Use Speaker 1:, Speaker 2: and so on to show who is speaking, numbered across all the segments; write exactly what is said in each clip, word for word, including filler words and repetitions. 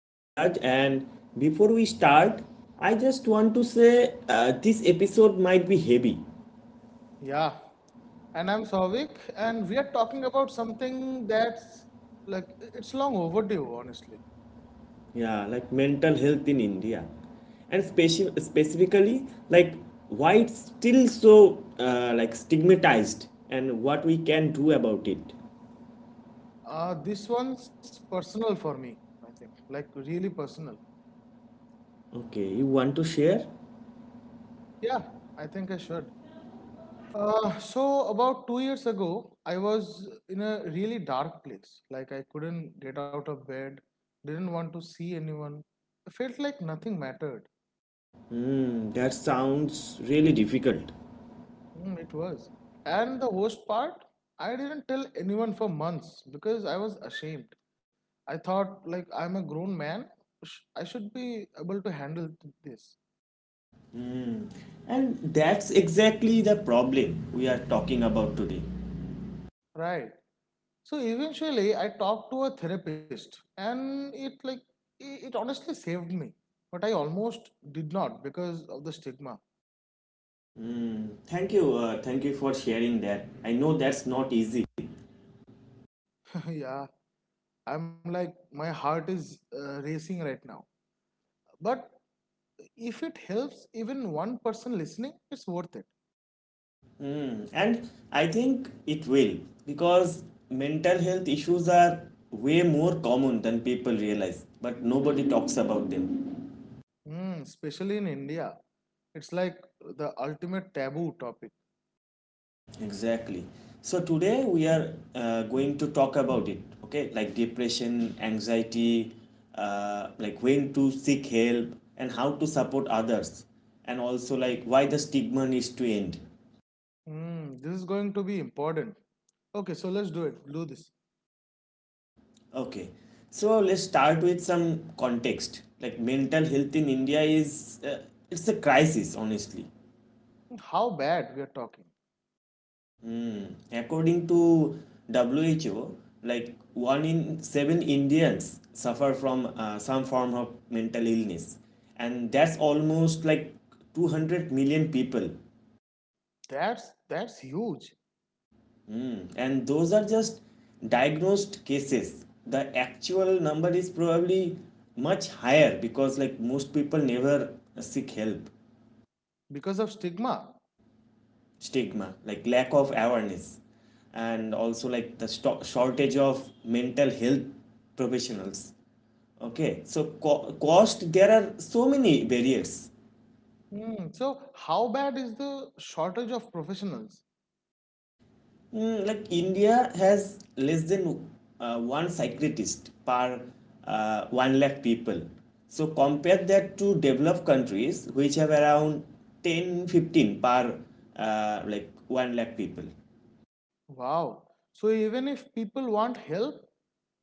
Speaker 1: I'm Biraj, and before we start, I just want to say uh, this episode might be heavy.
Speaker 2: Yeah, and I'm Souvik, and we are talking about something that's like it's long overdue, honestly.
Speaker 1: Yeah, like mental health in India, and speci- specifically like why it's still so uh, like stigmatized and what we can do about it.
Speaker 2: Uh, this one's personal for me, I think, like really personal.
Speaker 1: Okay, you want to share?
Speaker 2: Yeah, I think I should. Uh, so, about two years ago, I was in a really dark place. Like, I couldn't get out of bed, didn't want to see anyone. I felt like nothing mattered.
Speaker 1: Mm, that sounds really difficult.
Speaker 2: Mm, it was. And the worst part, I didn't tell anyone for months because I was ashamed. I thought, like, I'm a grown man. I should be able to handle this.
Speaker 1: And that's exactly the problem we are talking about today.
Speaker 2: Right. So eventually, I talked to a therapist, and it, like, i- it honestly saved me. But I almost did not because of the stigma.
Speaker 1: Thank you, uh, thank you for sharing that. I know that's not easy.
Speaker 2: Yeah. I'm like, my heart is uh, racing right now. But if it helps even one person listening, it's worth it.
Speaker 1: Mm, and I think it will because mental health issues are way more common than people realize, but nobody talks about them.
Speaker 2: Mm, especially in India. It's like the ultimate taboo topic.
Speaker 1: Exactly. So today we are uh, going to talk about it, okay? Like depression, anxiety, uh, like when to seek help and how to support others, and also like why the stigma needs to end.
Speaker 2: Mm, this is going to be important. Okay, so let's do it. Do this.
Speaker 1: Okay, so let's start with some context. Like mental health in India is uh, it's a crisis, honestly.
Speaker 2: How bad we are talking.
Speaker 1: Hmm. According to W H O, like one in seven Indians suffer from uh, some form of mental illness, and that's almost like two hundred million people.
Speaker 2: That's that's huge
Speaker 1: Hmm. And those are just diagnosed cases. The actual number is probably much higher because like most people never seek help
Speaker 2: because of stigma.
Speaker 1: stigma, like lack of awareness, and also like the sto- shortage of mental health professionals. Okay, so co- cost, there are so many barriers.
Speaker 2: Mm, so how bad is the shortage of professionals?
Speaker 1: Mm, like India has less than uh, one psychiatrist per uh, one lakh people, so compare that to developed countries which have around ten fifteen per uh, like one lakh people.
Speaker 2: Wow. So even if people want help,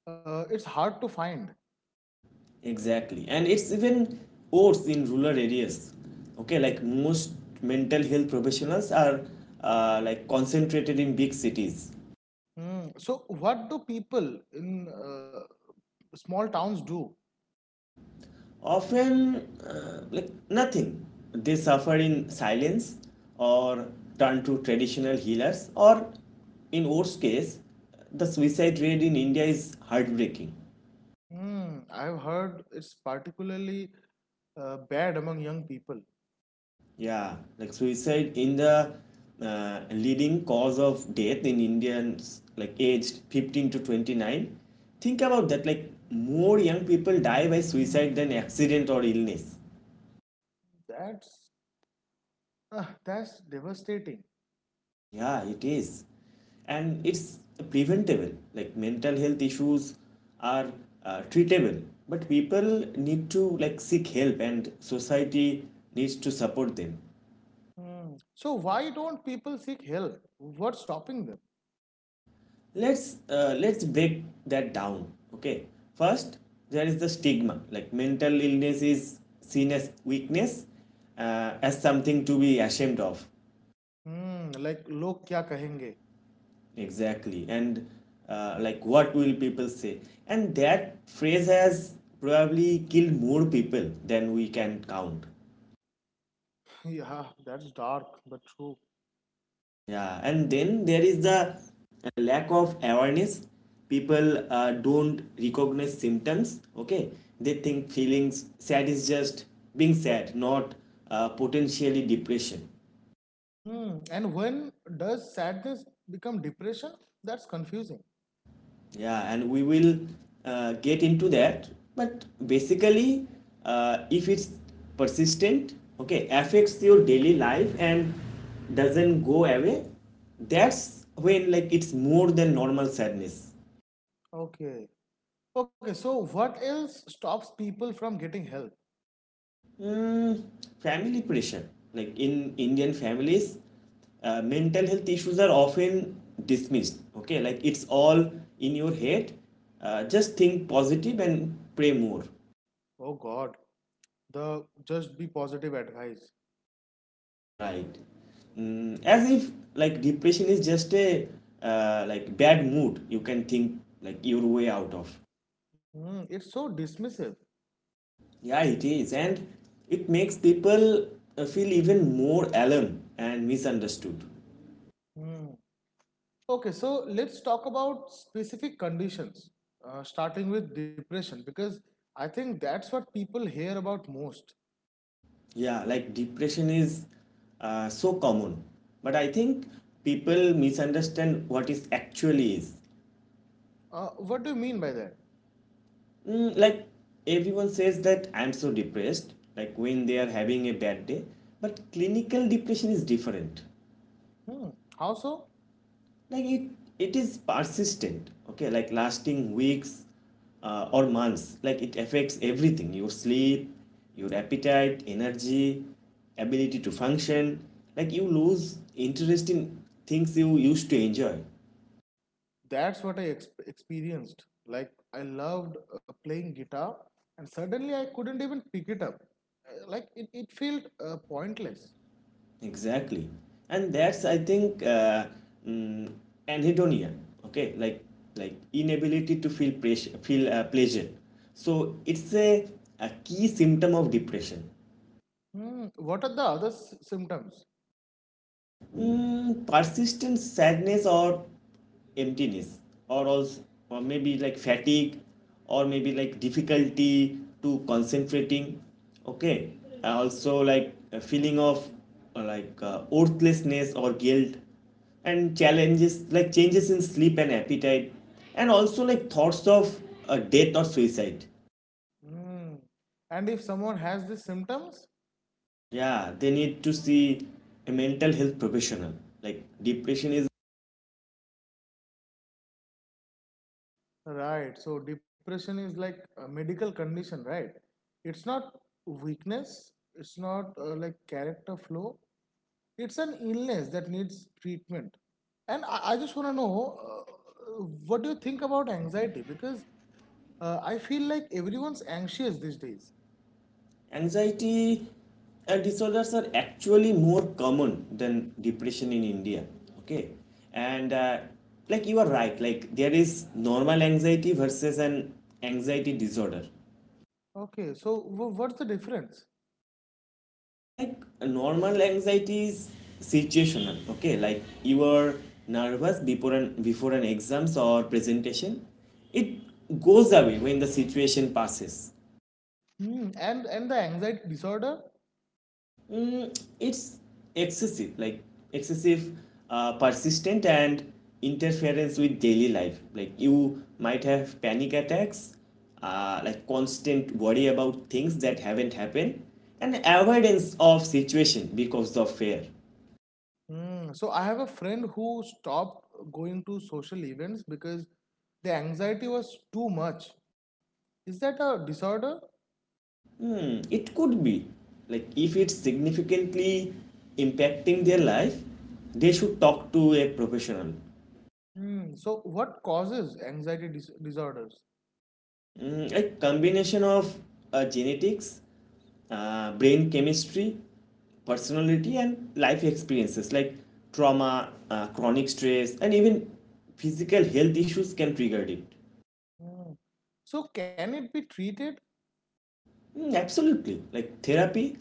Speaker 2: uh, it's hard to find.
Speaker 1: Exactly. And it's even worse in rural areas. Okay, like most mental health professionals are uh, like concentrated in big cities.
Speaker 2: Mm, so what do people in uh, small towns do?
Speaker 1: Often, uh, like nothing. They suffer in silence or turn to traditional healers, or in worst case, the suicide rate in India is heartbreaking.
Speaker 2: Mm, I've heard it's particularly uh, bad among young people.
Speaker 1: Yeah, like suicide in the uh, leading cause of death in Indians like aged fifteen to twenty-nine. Think about that, like more young people die by suicide than accident or illness.
Speaker 2: That's uh, that's devastating.
Speaker 1: Yeah, it is. And it's preventable. Like mental health issues are uh, treatable, but people need to like seek help and society needs to support them.
Speaker 2: Hmm. So why don't people seek help? What's stopping them?
Speaker 1: let's uh, let's break that down. Okay, first there is the stigma, like mental illness is seen as weakness, uh, as something to be ashamed of.
Speaker 2: Hmm. Like log kya kahenge?
Speaker 1: Exactly, and uh, like what will people say, and that phrase has probably killed more people than we can count.
Speaker 2: Yeah, that's dark but true.
Speaker 1: Yeah, and then there is the lack of awareness. People uh, don't recognize symptoms. Okay, they think feelings sad is just being sad, not uh, potentially depression.
Speaker 2: Hmm. And when does sadness become depression? That's confusing.
Speaker 1: Yeah, and we will uh, get into that. But basically, uh, if it's persistent, okay, affects your daily life and doesn't go away, that's when like it's more than normal sadness.
Speaker 2: Okay. Okay. So what else stops people from getting help?
Speaker 1: Mm, family pressure. Like in Indian families, uh, mental health issues are often dismissed. Okay, like it's all in your head. Uh, just think positive and pray more.
Speaker 2: Oh God, the just be positive advice.
Speaker 1: Right. Mm, as if like depression is just a uh, like bad mood. You can think like your way out of.
Speaker 2: Hmm. It's so dismissive.
Speaker 1: Yeah, it is, and it makes people uh, feel even more alone and misunderstood.
Speaker 2: Hmm. Okay, so let's talk about specific conditions, uh, starting with depression, because I think that's what people hear about most.
Speaker 1: Yeah, like depression is uh, so common, but I think people misunderstand what it actually is.
Speaker 2: Uh, what do you mean by that?
Speaker 1: Mm, like everyone says that I'm so depressed, like when they are having a bad day, but clinical depression is different.
Speaker 2: Hmm, how so?
Speaker 1: Like it it is persistent. Okay, like lasting weeks uh, or months, like it affects everything: your sleep, your appetite, energy, ability to function. Like you lose interest in things you used to enjoy.
Speaker 2: That's what I ex- experienced. Like, I loved uh, playing guitar, and suddenly I couldn't even pick it up. Uh, Like, it, it felt uh, pointless.
Speaker 1: Exactly, and that's I think, uh, mm, anhedonia. Okay, like like inability to feel pressure feel uh, pleasure, so it's a, a key symptom of depression.
Speaker 2: Hmm, what are the other s- symptoms?
Speaker 1: Mm, persistent sadness or emptiness, or also, or maybe like fatigue, or maybe like difficulty to concentrating. Okay, Uh, also like a feeling of uh, like uh, worthlessness or guilt, and challenges like changes in sleep and appetite, and also like thoughts of uh, death or suicide.
Speaker 2: Hmm. And if someone has these symptoms,
Speaker 1: Yeah, they need to see a mental health professional. Like depression is
Speaker 2: right. So depression is like a medical condition, right? It's not weakness. It's not uh, like character flaw. It's an illness that needs treatment. And I, I just want to know uh, what do you think about anxiety? Because uh, I feel like everyone's anxious these days.
Speaker 1: anxiety uh, disorders are actually more common than depression in India. Okay, and uh, like you are right, like there is normal anxiety versus an anxiety disorder.
Speaker 2: Okay. So w- what's the difference?
Speaker 1: Like normal anxiety is situational. Okay, like you are nervous before an before an exams or presentation, it goes away when the situation passes.
Speaker 2: Hmm. And and the anxiety disorder.
Speaker 1: Mm, it's excessive, like excessive, uh, persistent, and interference with daily life. Like you might have panic attacks, uh, like constant worry about things that haven't happened, and avoidance of situation because of fear.
Speaker 2: Hmm. So I have a friend who stopped going to social events because the anxiety was too much. Is that a disorder?
Speaker 1: Hmm, it could be, like if it's significantly impacting their life, they should talk to a professional.
Speaker 2: Hmm. So, what causes anxiety dis- disorders?
Speaker 1: Mm, a combination of uh, genetics, uh, brain chemistry, personality, and life experiences like trauma, uh, chronic stress, and even physical health issues can trigger it.
Speaker 2: Hmm. So, can it be treated?
Speaker 1: Mm, absolutely. Like therapy,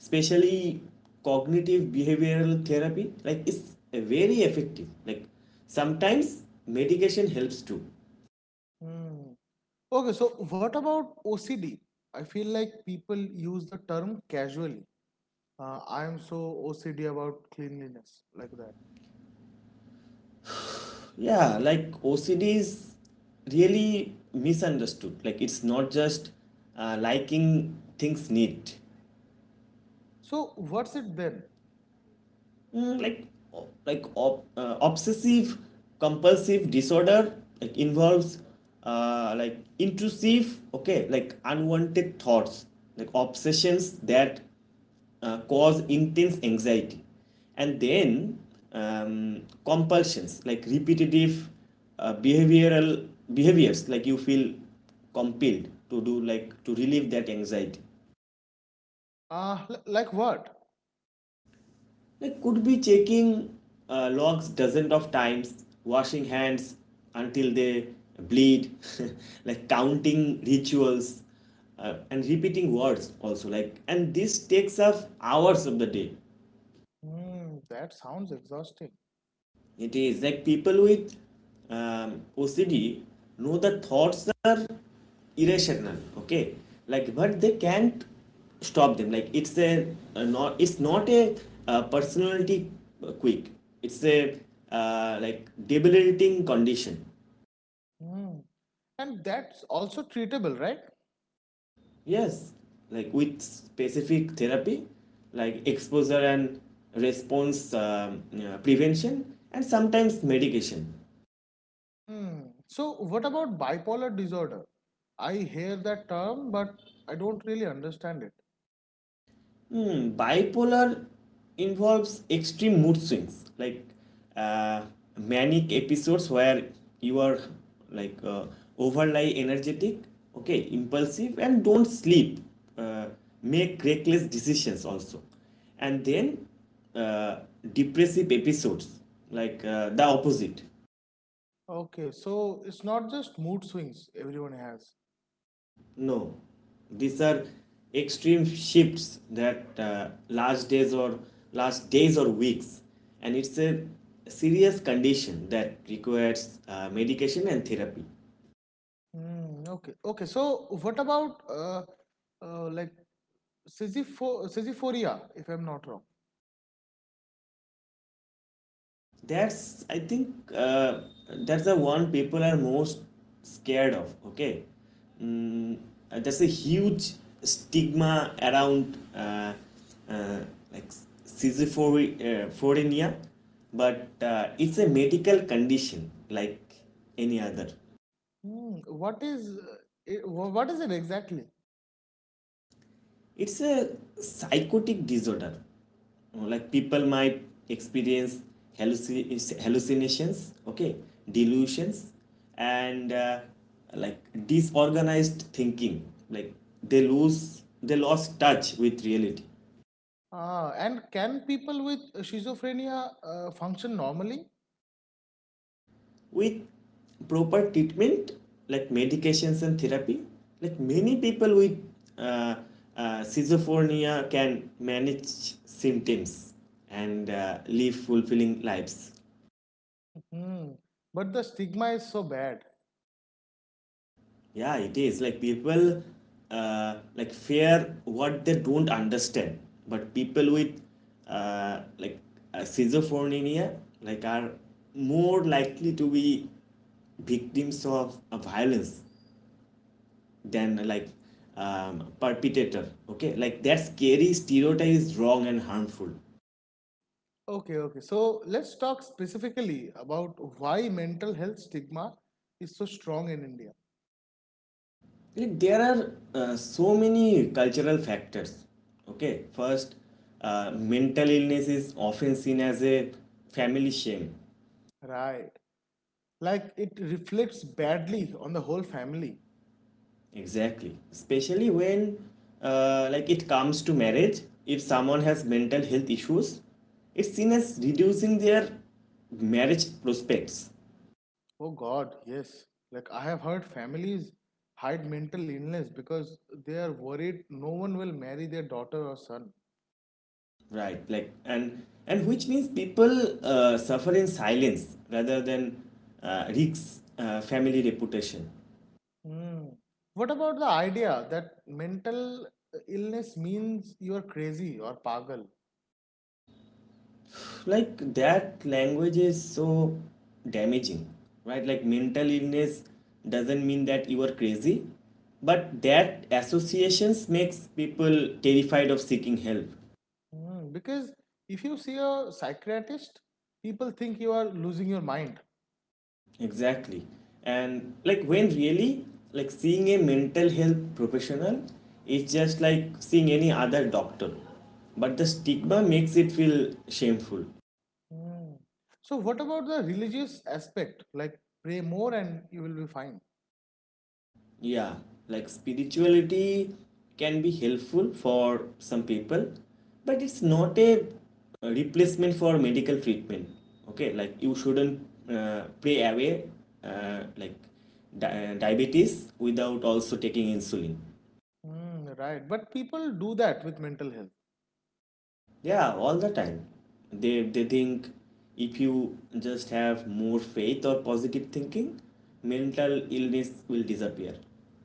Speaker 1: especially cognitive behavioral therapy, like it's uh, very effective. Like sometimes medication helps too.
Speaker 2: Hmm. Okay, so what about O C D? I feel like people use the term casually. Uh, I am so O C D about cleanliness, like that.
Speaker 1: Yeah, like OCD is really misunderstood, like it's not just uh, liking things neat.
Speaker 2: So, what's it then?
Speaker 1: Mm, like like ob- uh, obsessive compulsive disorder like involves uh, like intrusive, okay, like unwanted thoughts, like obsessions that uh, cause intense anxiety, and then um, compulsions like repetitive uh, behavioral behaviors like you feel compelled to do, like to relieve that anxiety.
Speaker 2: Uh, like what?
Speaker 1: Like, could be checking uh, logs dozens of times, washing hands until they bleed, like counting rituals, uh, and repeating words also. Like, and this takes up hours of the day.
Speaker 2: Hmm. That sounds exhausting.
Speaker 1: It is, like people with um, O C D know the thoughts are irrational. Okay, like but they can't stop them. Like it's a, a not it's not a, uh personality quirk. It's a uh, like debilitating condition.
Speaker 2: Hmm. And that's also treatable, right?
Speaker 1: Yes, like with specific therapy, like exposure and response um, uh, prevention, and sometimes medication.
Speaker 2: Hmm. So, what about bipolar disorder? I hear that term, but I don't really understand it.
Speaker 1: Hmm, bipolar involves extreme mood swings, like uh, manic episodes where you are like uh, overly energetic, okay, impulsive, and don't sleep, uh, make reckless decisions also, and then uh, depressive episodes, like uh, the opposite.
Speaker 2: Okay, so it's not just mood swings everyone has.
Speaker 1: No, these are extreme shifts that uh, last days or last days or weeks, and it's a serious condition that requires uh, medication and therapy.
Speaker 2: Hmm. Okay. Okay. So, what about uh, uh, like Sisypho- Sisyphoria, if I'm not wrong?
Speaker 1: That's I think, uh, that's the one people are most scared of. Okay, mm, uh, there's a huge stigma around uh, uh, like schizophrenia, but uh, it's a medical condition like any other.
Speaker 2: Hmm. What is uh, it, wh- what is it exactly?
Speaker 1: It's a psychotic disorder. Uh, Like people might experience halluci- hallucinations, okay, delusions, and uh, like disorganized thinking. Like they lose, they lost touch with reality.
Speaker 2: Ah, and can people with schizophrenia uh, function normally?
Speaker 1: With proper treatment, like medications and therapy, like many people with uh, uh, schizophrenia can manage symptoms and uh, live fulfilling lives.
Speaker 2: hmm hmm. But the stigma is so bad.
Speaker 1: Yeah, it is. Like people uh, like fear what they don't understand. But people with uh, like uh, schizophrenia like are more likely to be victims of uh, violence than like um, perpetrator. Okay, like that scary stereotype is wrong and harmful.
Speaker 2: Okay, okay. So let's talk specifically about why mental health stigma is so strong in India.
Speaker 1: Like there are uh, so many cultural factors. Okay, first, uh, mental illness is often seen as a family shame.
Speaker 2: Right. Like it reflects badly on the whole family.
Speaker 1: Exactly, especially when uh, like it comes to marriage. If someone has mental health issues, it's seen as reducing their marriage prospects.
Speaker 2: Oh God, yes. Like I have heard families hide mental illness because they are worried no one will marry their daughter or son.
Speaker 1: Right, like and and which means people uh, suffer in silence rather than uh, risks uh, family reputation.
Speaker 2: Hmm. What about the idea that mental illness means you are crazy or pagal?
Speaker 1: Like that language is so damaging. Right, like mental illness doesn't mean that you are crazy, but that associations makes people terrified of seeking help.
Speaker 2: Mm, because if you see a psychiatrist, people think you are losing your mind.
Speaker 1: Exactly, and like when really, like seeing a mental health professional is just like seeing any other doctor, but the stigma makes it feel shameful.
Speaker 2: Mm, so, what about the religious aspect? Like, pray more and you will be fine.
Speaker 1: Yeah, like spirituality can be helpful for some people, but it's not a uh, replacement for medical treatment. Okay, like you shouldn't uh, pray away uh, like di- uh, diabetes without also taking insulin.
Speaker 2: Mm, right. But people do that with mental health.
Speaker 1: Yeah, all the time. They they think if you just have more faith or positive thinking, mental illness will disappear.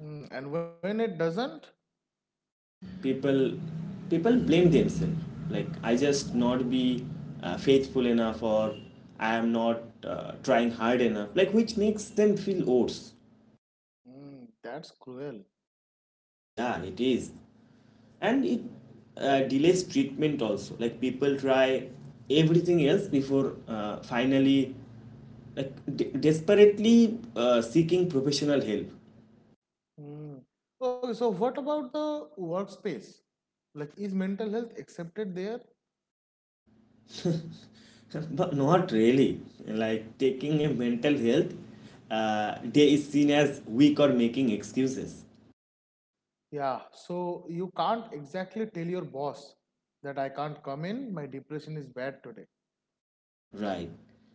Speaker 2: Mm, and when it doesn't,
Speaker 1: people people blame themselves, like I just not be uh, faithful enough, or I am not uh, trying hard enough, like which makes them feel worse.
Speaker 2: mm, that's cruel.
Speaker 1: Yeah, it is, and it uh, delays treatment also. Like people try everything else before uh, finally, like de- desperately uh, seeking professional help.
Speaker 2: Mm. Okay, so what about the workspace? Like, is mental health accepted there?
Speaker 1: but not really. Like taking a mental health uh, day is seen as weak or making excuses,
Speaker 2: Yeah, so you can't exactly tell your boss that I can't come in, my depression is bad today.
Speaker 1: right?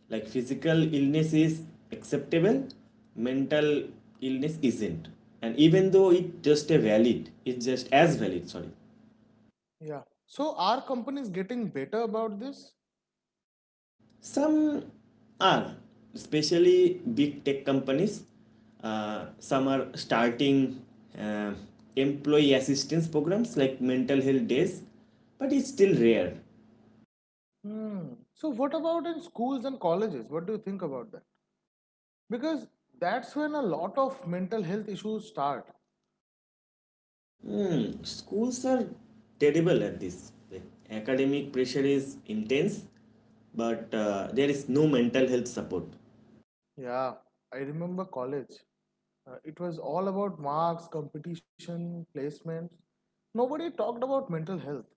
Speaker 1: Like physical illness is acceptable, mental illness isn't. And even though it's just a valid, it's just as valid, sorry.
Speaker 2: Yeah. So are companies getting better about this?
Speaker 1: Some are, especially big tech companies. Uh, some are starting uh, employee assistance programs like mental health days, but it's still rare.
Speaker 2: Hmm. So what about in schools and colleges? What do you think about that? Because that's when a lot of mental health issues start.
Speaker 1: Hmm, schools are terrible at this. Like, academic pressure is intense, but uh, there is no mental health support.
Speaker 2: Yeah, I remember college. Uh, it was all about marks, competition, placements. Nobody talked about mental health,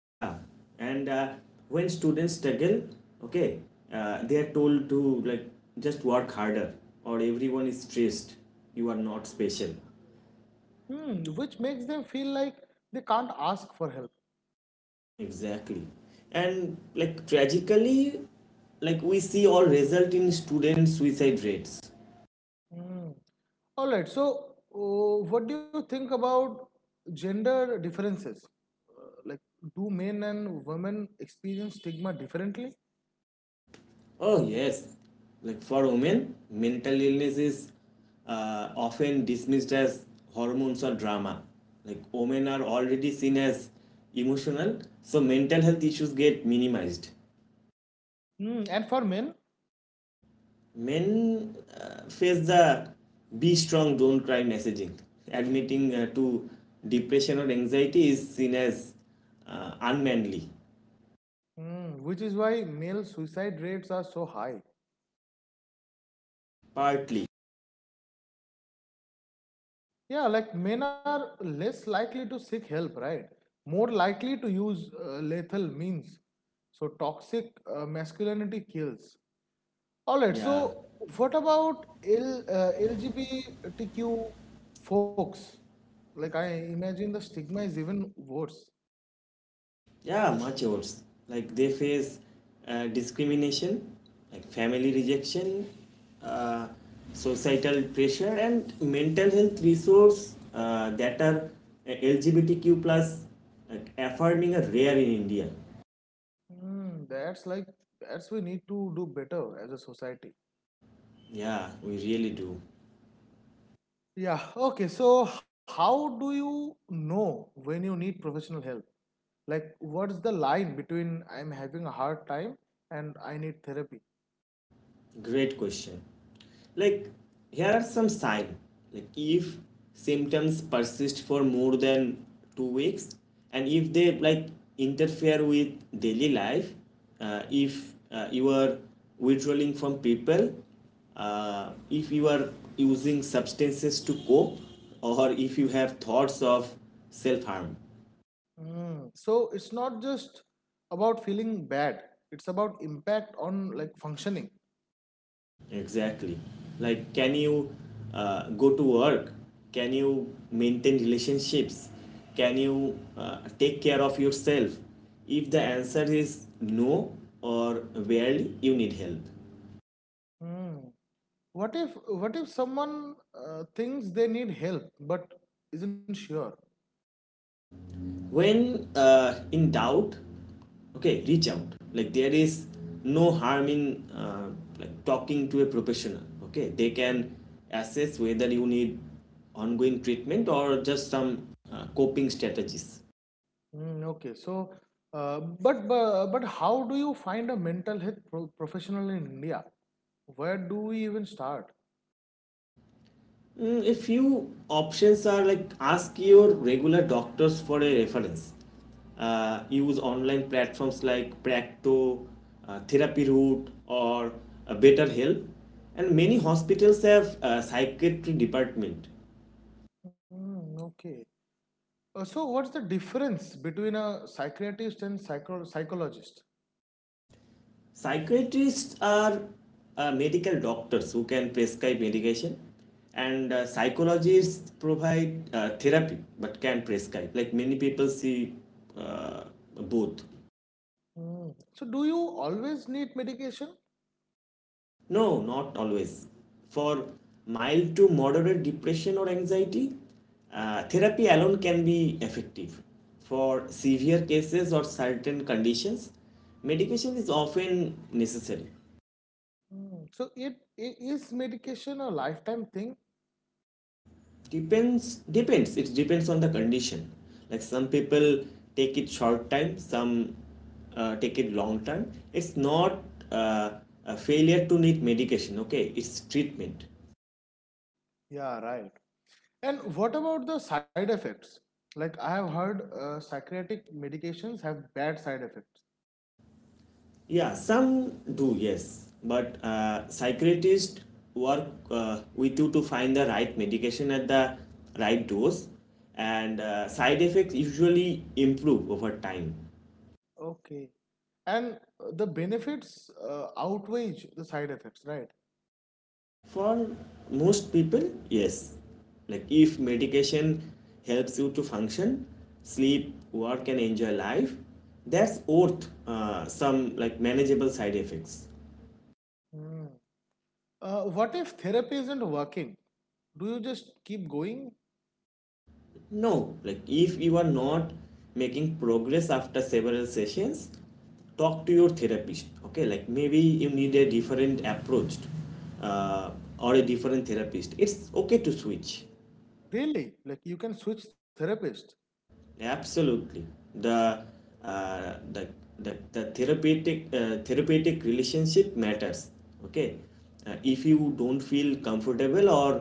Speaker 1: Yeah, and uh, when students struggle, okay, uh, they are told to like just work harder, or everyone is stressed. You are not special.
Speaker 2: hmm, which makes them feel like they can't ask for help.
Speaker 1: Exactly, and like tragically, like we see all result in students' suicide rates.
Speaker 2: Mm. All right. So, uh, what do you think about gender differences? Uh, like, do men and women experience stigma differently?
Speaker 1: Oh, yes. Like for women, mental illness is uh, often dismissed as hormones or drama. Like women are already seen as emotional, so mental health issues get minimized.
Speaker 2: Mm. And for men,
Speaker 1: Men uh, face the be strong, don't cry messaging. Admitting uh, to depression or anxiety is seen as uh, unmanly,
Speaker 2: mm, which is why male suicide rates are so high.
Speaker 1: partly.
Speaker 2: Yeah, like men are less likely to seek help, right? More likely to use uh, lethal means. So, toxic uh, masculinity kills. All right.
Speaker 1: Yeah.
Speaker 2: So, what about L, uh, L G B T Q folks? Like, I imagine the stigma is even worse.
Speaker 1: Yeah, much worse. Like they face uh, discrimination, like family rejection, uh, societal pressure, and mental health resource uh, that are uh, L G B T Q plus like affirming are rare in India.
Speaker 2: Hmm, that's like, that's we need to do better as a society.
Speaker 1: Yeah, we really do.
Speaker 2: Yeah. Okay. So, how do you know when you need professional help? Like, what's the line between I'm having a hard time and I need therapy?
Speaker 1: Great question. Like, here are some signs. Like, if symptoms persist for more than two weeks, and if they like interfere with daily life, uh, if uh, you are withdrawing from people, uh, if you are using substances to cope, or if you have thoughts of self harm.
Speaker 2: Hmm. So, it's not just about feeling bad, it's about impact on like functioning.
Speaker 1: Exactly. Like, can you uh, go to work? Can you maintain relationships? Can you uh, take care of yourself? If the answer is no or barely, you need help.
Speaker 2: Hmm. what if what if someone uh, thinks they need help but isn't sure.
Speaker 1: When uh, in doubt, okay, reach out. Like, there is no harm in uh, like talking to a professional. Okay, they can assess whether you need ongoing treatment or just some uh, coping strategies.
Speaker 2: Mm, okay, so uh, but, but but how do you find a mental health pro- professional in India? Where do we even start?
Speaker 1: Mm, if you options are like ask your regular doctors for a reference, uh, use online platforms like Practo, uh, Therapy Root, or uh, BetterHelp, and many hospitals have uh, psychiatry department.
Speaker 2: Mm, okay. Uh, so what's the difference between a psychiatrist and psycho- psychologist?
Speaker 1: Psychiatrists are uh, medical doctors who can prescribe medication, and uh, psychologists provide uh, therapy but can prescribe. Like many people see uh, both.
Speaker 2: Mm. So do you always need medication?
Speaker 1: No, not always. For mild to moderate depression or anxiety, uh, therapy alone can be effective. For severe cases or certain conditions, medication is often necessary.
Speaker 2: Mm. So it, it is medication a lifetime thing?
Speaker 1: Depends, depends. It depends on the condition. Like some people take it short time, some uh, take it long time. It's not uh, a failure to need medication. Okay, it's treatment.
Speaker 2: Yeah, right. And what about the side effects? Like I have heard uh, psychiatric medications have bad side effects,
Speaker 1: Yeah, some do, yes. But uh, psychiatrists work uh, with you to find the right medication at the right dose, and uh, side effects usually improve over time.
Speaker 2: okay. and uh, the benefits uh, outweigh the side effects, right?
Speaker 1: For most people, yes. Like if medication helps you to function, sleep, work, and enjoy life, that's worth uh, some like manageable side effects.
Speaker 2: Hmm. Uh, what if therapy isn't working? Do you just keep going?
Speaker 1: No, like if you are not making progress after several sessions, talk to your therapist. Okay, like maybe you need a different approach uh, or a different therapist. It's okay to switch.
Speaker 2: Really? Like you can switch therapist.
Speaker 1: Absolutely, the uh, the, the the therapeutic uh, therapeutic relationship matters. Okay, uh, if you don't feel comfortable or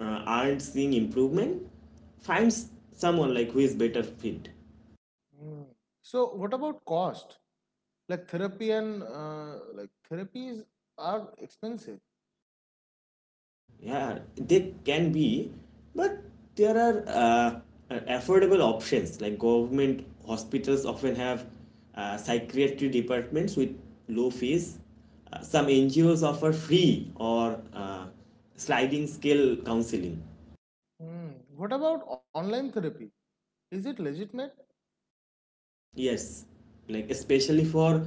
Speaker 1: uh, aren't seeing improvement, find s- someone like who is better fit.
Speaker 2: Hmm. So what about cost? Like therapy and uh, like therapies are expensive.
Speaker 1: Yeah, they can be, but there are uh, affordable options like government hospitals often have uh, psychiatry departments with low fees. Uh, some N G Os offer free or uh, sliding scale counseling.
Speaker 2: Hmm. What about online therapy? Is it legitimate?
Speaker 1: Yes, like especially for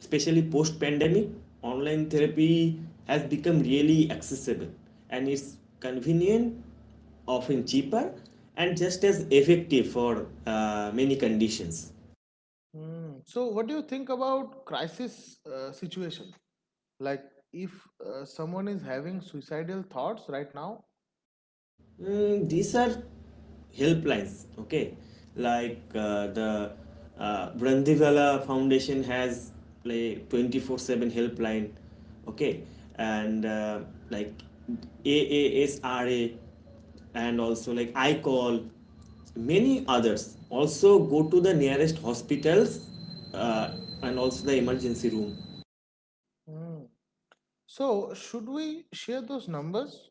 Speaker 1: especially post pandemic, online therapy has become really accessible, and it's convenient, often cheaper, and just as effective for uh, many conditions.
Speaker 2: Mm. So, what do you think about crisis uh, situation? Like, if uh, someone is having suicidal thoughts right now,
Speaker 1: Mm, these are helplines, okay? Like uh, the uh, Brandivala Foundation has like twenty-four seven helpline, okay? And uh, like AASRA and also like I call many others, also go to the nearest hospitals uh, and also the emergency room.
Speaker 2: mm. So should we share those numbers?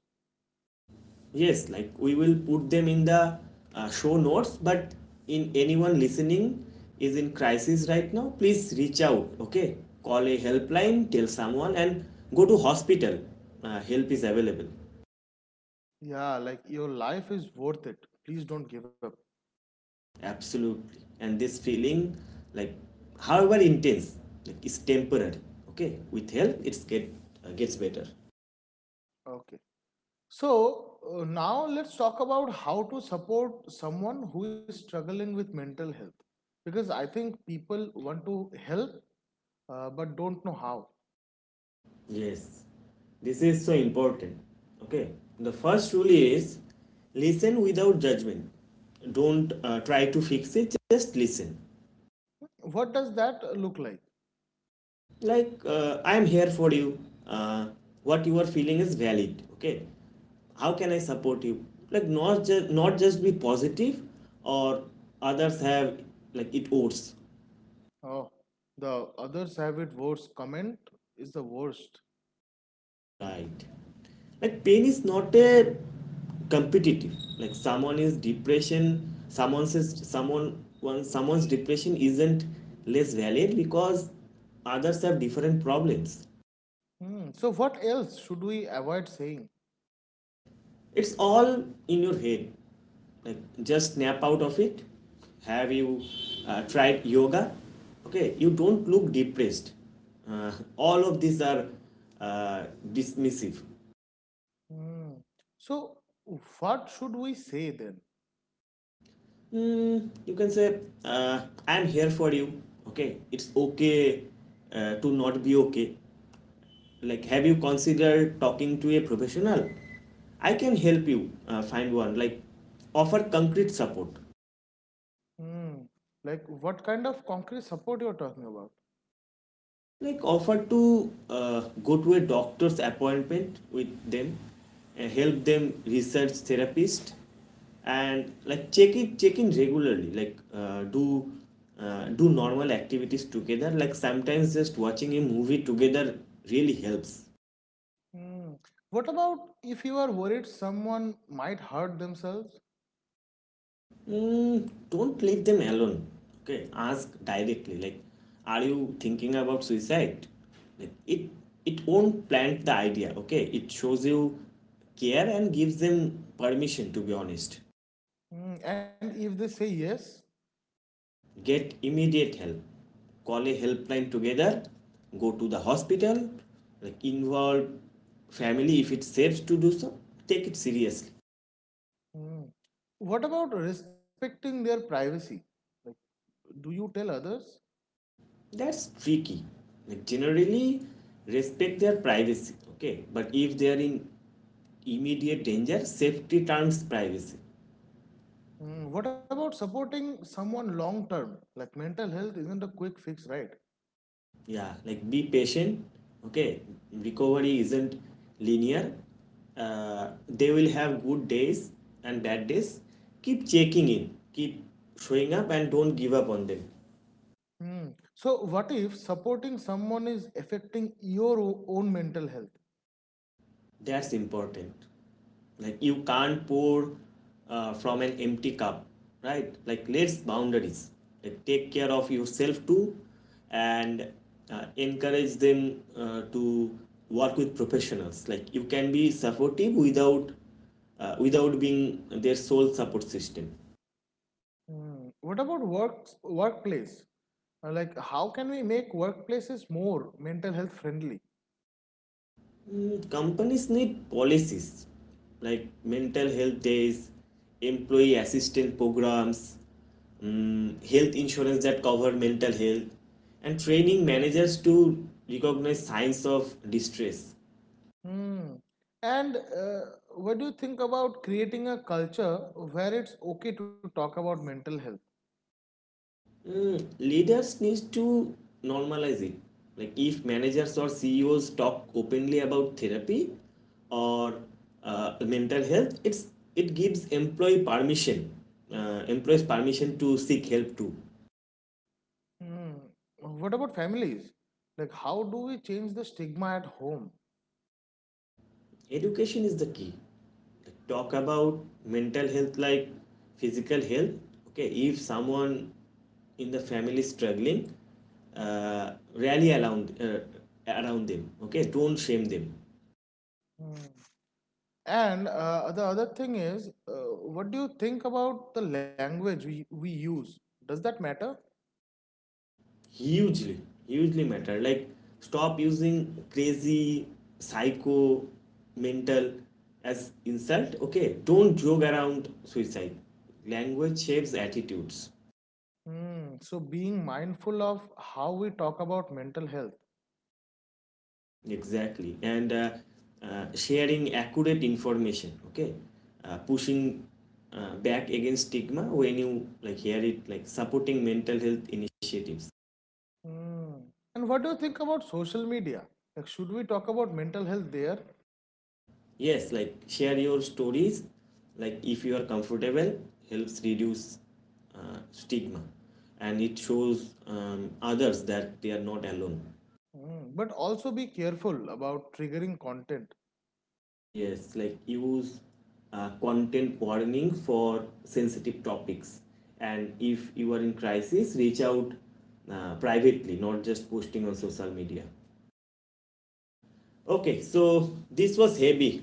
Speaker 1: Yes, like we will put them in the uh, show notes, but in anyone listening is in crisis right now, please reach out, okay? Call a helpline, tell someone and go to hospital. Uh, help is available.
Speaker 2: Yeah, like your life is worth it. Please don't give up.
Speaker 1: Absolutely. And this feeling like however intense, like is temporary, okay? With help it's get uh, gets better.
Speaker 2: Okay. So, uh, now let's talk about how to support someone who is struggling with mental health. Because I think people want to help uh, but don't know how.
Speaker 1: Yes, this is so important. Okay, the first rule is listen without judgment. Don't uh, try to fix it, just listen.
Speaker 2: What does that look like?
Speaker 1: Like, uh, I am here for you. Uh, what you are feeling is valid. Okay, how can I support you? Like, not, just not just be positive or others have like it worse.
Speaker 2: Oh, the others have it worse comment is the worst.
Speaker 1: Right. Like pain is not a competitive. Like someone is depression, someone says someone one someone's depression isn't less valid because others have different problems.
Speaker 2: Hmm. So, what else should we avoid saying?
Speaker 1: It's all in your head. Like just snap out of it. Have you uh, tried yoga? Okay, you don't look depressed. Uh, all of these are uh, dismissive.
Speaker 2: Hmm. So, what should we say then?
Speaker 1: Mm, you can say, uh, I'm here for you. Okay, it's okay uh, to not be okay. Like, have you considered talking to a professional? I can help you uh, find one. Like, offer concrete support.
Speaker 2: Hmm. Like, what kind of concrete support you're talking about?
Speaker 1: Like offer to uh, go to a doctor's appointment with them, and help them research therapist, and like check it check in regularly, like uh, do uh, do normal activities together, like sometimes just watching a movie together really helps.
Speaker 2: Hmm. What about if you are worried someone might hurt themselves?
Speaker 1: Mm, don't leave them alone. Okay, ask directly. Like, are you thinking about suicide? Like, it it won't plant the idea. Okay, it shows you care and gives them permission to be honest.
Speaker 2: Hmm. And if they say yes?
Speaker 1: Get immediate help. Call a helpline together. Go to the hospital. Like, involve family if it's safe to do so. Take it seriously.
Speaker 2: Hmm. What about respecting their privacy? Like, do you tell others?
Speaker 1: That's tricky. Like, generally, respect their privacy, okay, but if they are in immediate danger, safety terms privacy.
Speaker 2: Mm, what about supporting someone long term? Like mental health isn't a quick fix, right?
Speaker 1: Yeah, like be patient, okay, recovery isn't linear. Uh, they will have good days and bad days. Keep checking in, keep showing up, and don't give up on them.
Speaker 2: Mm. So, what if supporting someone is affecting your o- own mental health?
Speaker 1: That's important. Like you can't pour uh, from an empty cup, right? Like let's boundaries. Like take care of yourself too, and uh, encourage them uh, to work with professionals. Like you can be supportive without uh, without being their sole support system.
Speaker 2: Mm. What about work workplace? Uh, Like, how can we make workplaces more mental health friendly?
Speaker 1: Mm, companies need policies like mental health days, employee assistance programs, mm, health insurance that cover mental health, and training managers to recognize signs of distress.
Speaker 2: Mm. And uh, What do you think about creating a culture where it's okay to talk about mental health?
Speaker 1: Mm, leaders need to normalize it. Like if managers or C E Os talk openly about therapy or uh, mental health, it's it gives employee permission, uh, employees permission to seek help too.
Speaker 2: Mm. What about families? Like, how do we change the stigma at home?
Speaker 1: Education is the key. Like, talk about mental health like physical health. Okay, if someone in the family is struggling, uh, rally around uh, around them. Okay, don't shame them.
Speaker 2: Mm. And uh, the other thing is, uh, what do you think about the language we, we use? Does that matter?
Speaker 1: Hugely, hugely matter. Like stop using crazy, psycho, mental as insult. Okay, don't joke around suicide. Language shapes attitudes.
Speaker 2: Mm. So, being mindful of how we talk about mental health.
Speaker 1: Exactly. And uh, uh, sharing accurate information, okay? Uh, pushing uh, back against stigma when you like hear it, like supporting mental health initiatives.
Speaker 2: Mm. And what do you think about social media? Like, should we talk about mental health there?
Speaker 1: Yes, like share your stories, like if you are comfortable, helps reduce uh, stigma, and it shows um, others that they are not alone.
Speaker 2: Mm. But also be careful about triggering content.
Speaker 1: Yes, like use uh, content warning for sensitive topics. And if you are in crisis, reach out uh, privately, not just posting on social media. Okay, so this was heavy,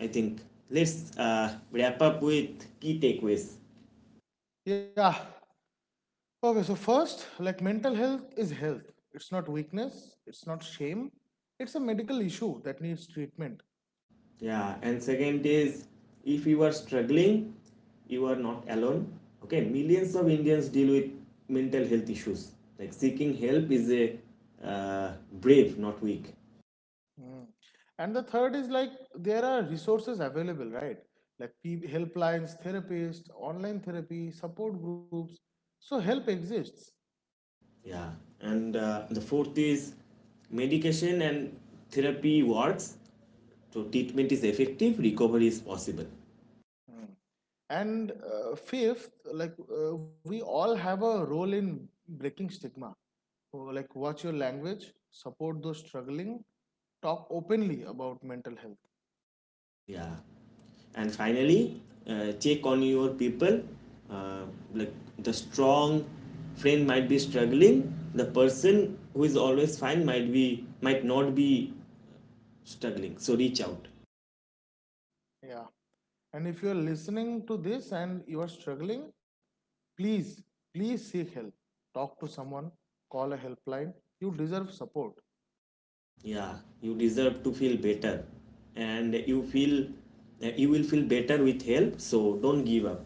Speaker 1: I think. Let's uh, wrap up with key takeaways.
Speaker 2: Yeah. Okay, so first, like, mental health is health, it's not weakness, it's not shame, it's a medical issue that needs treatment.
Speaker 1: Yeah, and second is if you are struggling, you are not alone. Okay, millions of Indians deal with mental health issues. Like seeking help is a uh, brave, not weak.
Speaker 2: Mm. And the third is like there are resources available, right? Like peop- helplines, therapists, online therapy, support groups. So help exists.
Speaker 1: Yeah, and uh, the fourth is medication and therapy works. So treatment is effective, recovery is possible.
Speaker 2: Mm. And uh, fifth, like uh, we all have a role in breaking stigma. Oh, like watch your language, support those struggling, talk openly about mental health.
Speaker 1: Yeah, and finally, uh, check on your people. Uh, like the strong friend might be struggling. The person who is always fine might be might not be struggling. So reach out.
Speaker 2: Yeah. And if you are listening to this and you are struggling, please, please seek help. Talk to someone, call a helpline. You deserve support.
Speaker 1: Yeah, you deserve to feel better, and you feel uh, you will feel better with help. So don't give up.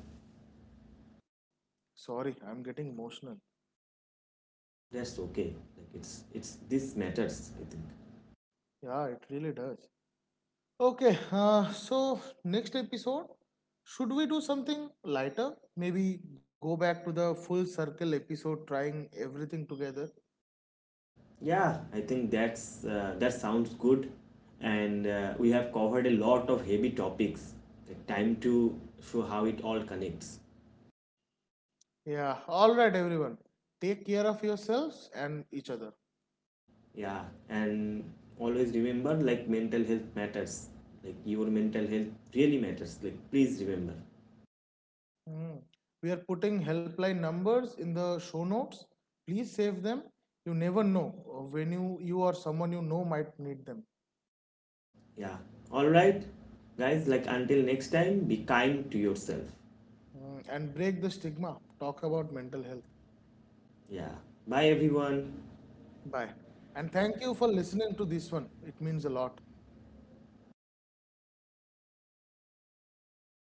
Speaker 2: Sorry, I'm getting emotional.
Speaker 1: That's okay, like it's it's this matters, I think.
Speaker 2: Yeah, it really does. Okay, uh, so next episode, should we do something lighter? Maybe go back to the full circle episode, trying everything together.
Speaker 1: Yeah, I think that's uh, that sounds good, and uh, we have covered a lot of heavy topics, like time to show how it all connects.
Speaker 2: Yeah, alright, everyone. Take care of yourselves and each other.
Speaker 1: Yeah, and always remember, like mental health matters, like your mental health really matters, like please remember.
Speaker 2: Mm. We are putting helpline numbers in the show notes. Please save them. You never know uh, when you, you or someone you know might need them.
Speaker 1: Yeah, all right, guys, like until next time be kind to yourself.
Speaker 2: Mm. And break the stigma. Talk about mental health.
Speaker 1: Yeah, bye everyone.
Speaker 2: Bye. And thank you for listening to this one. It means a lot.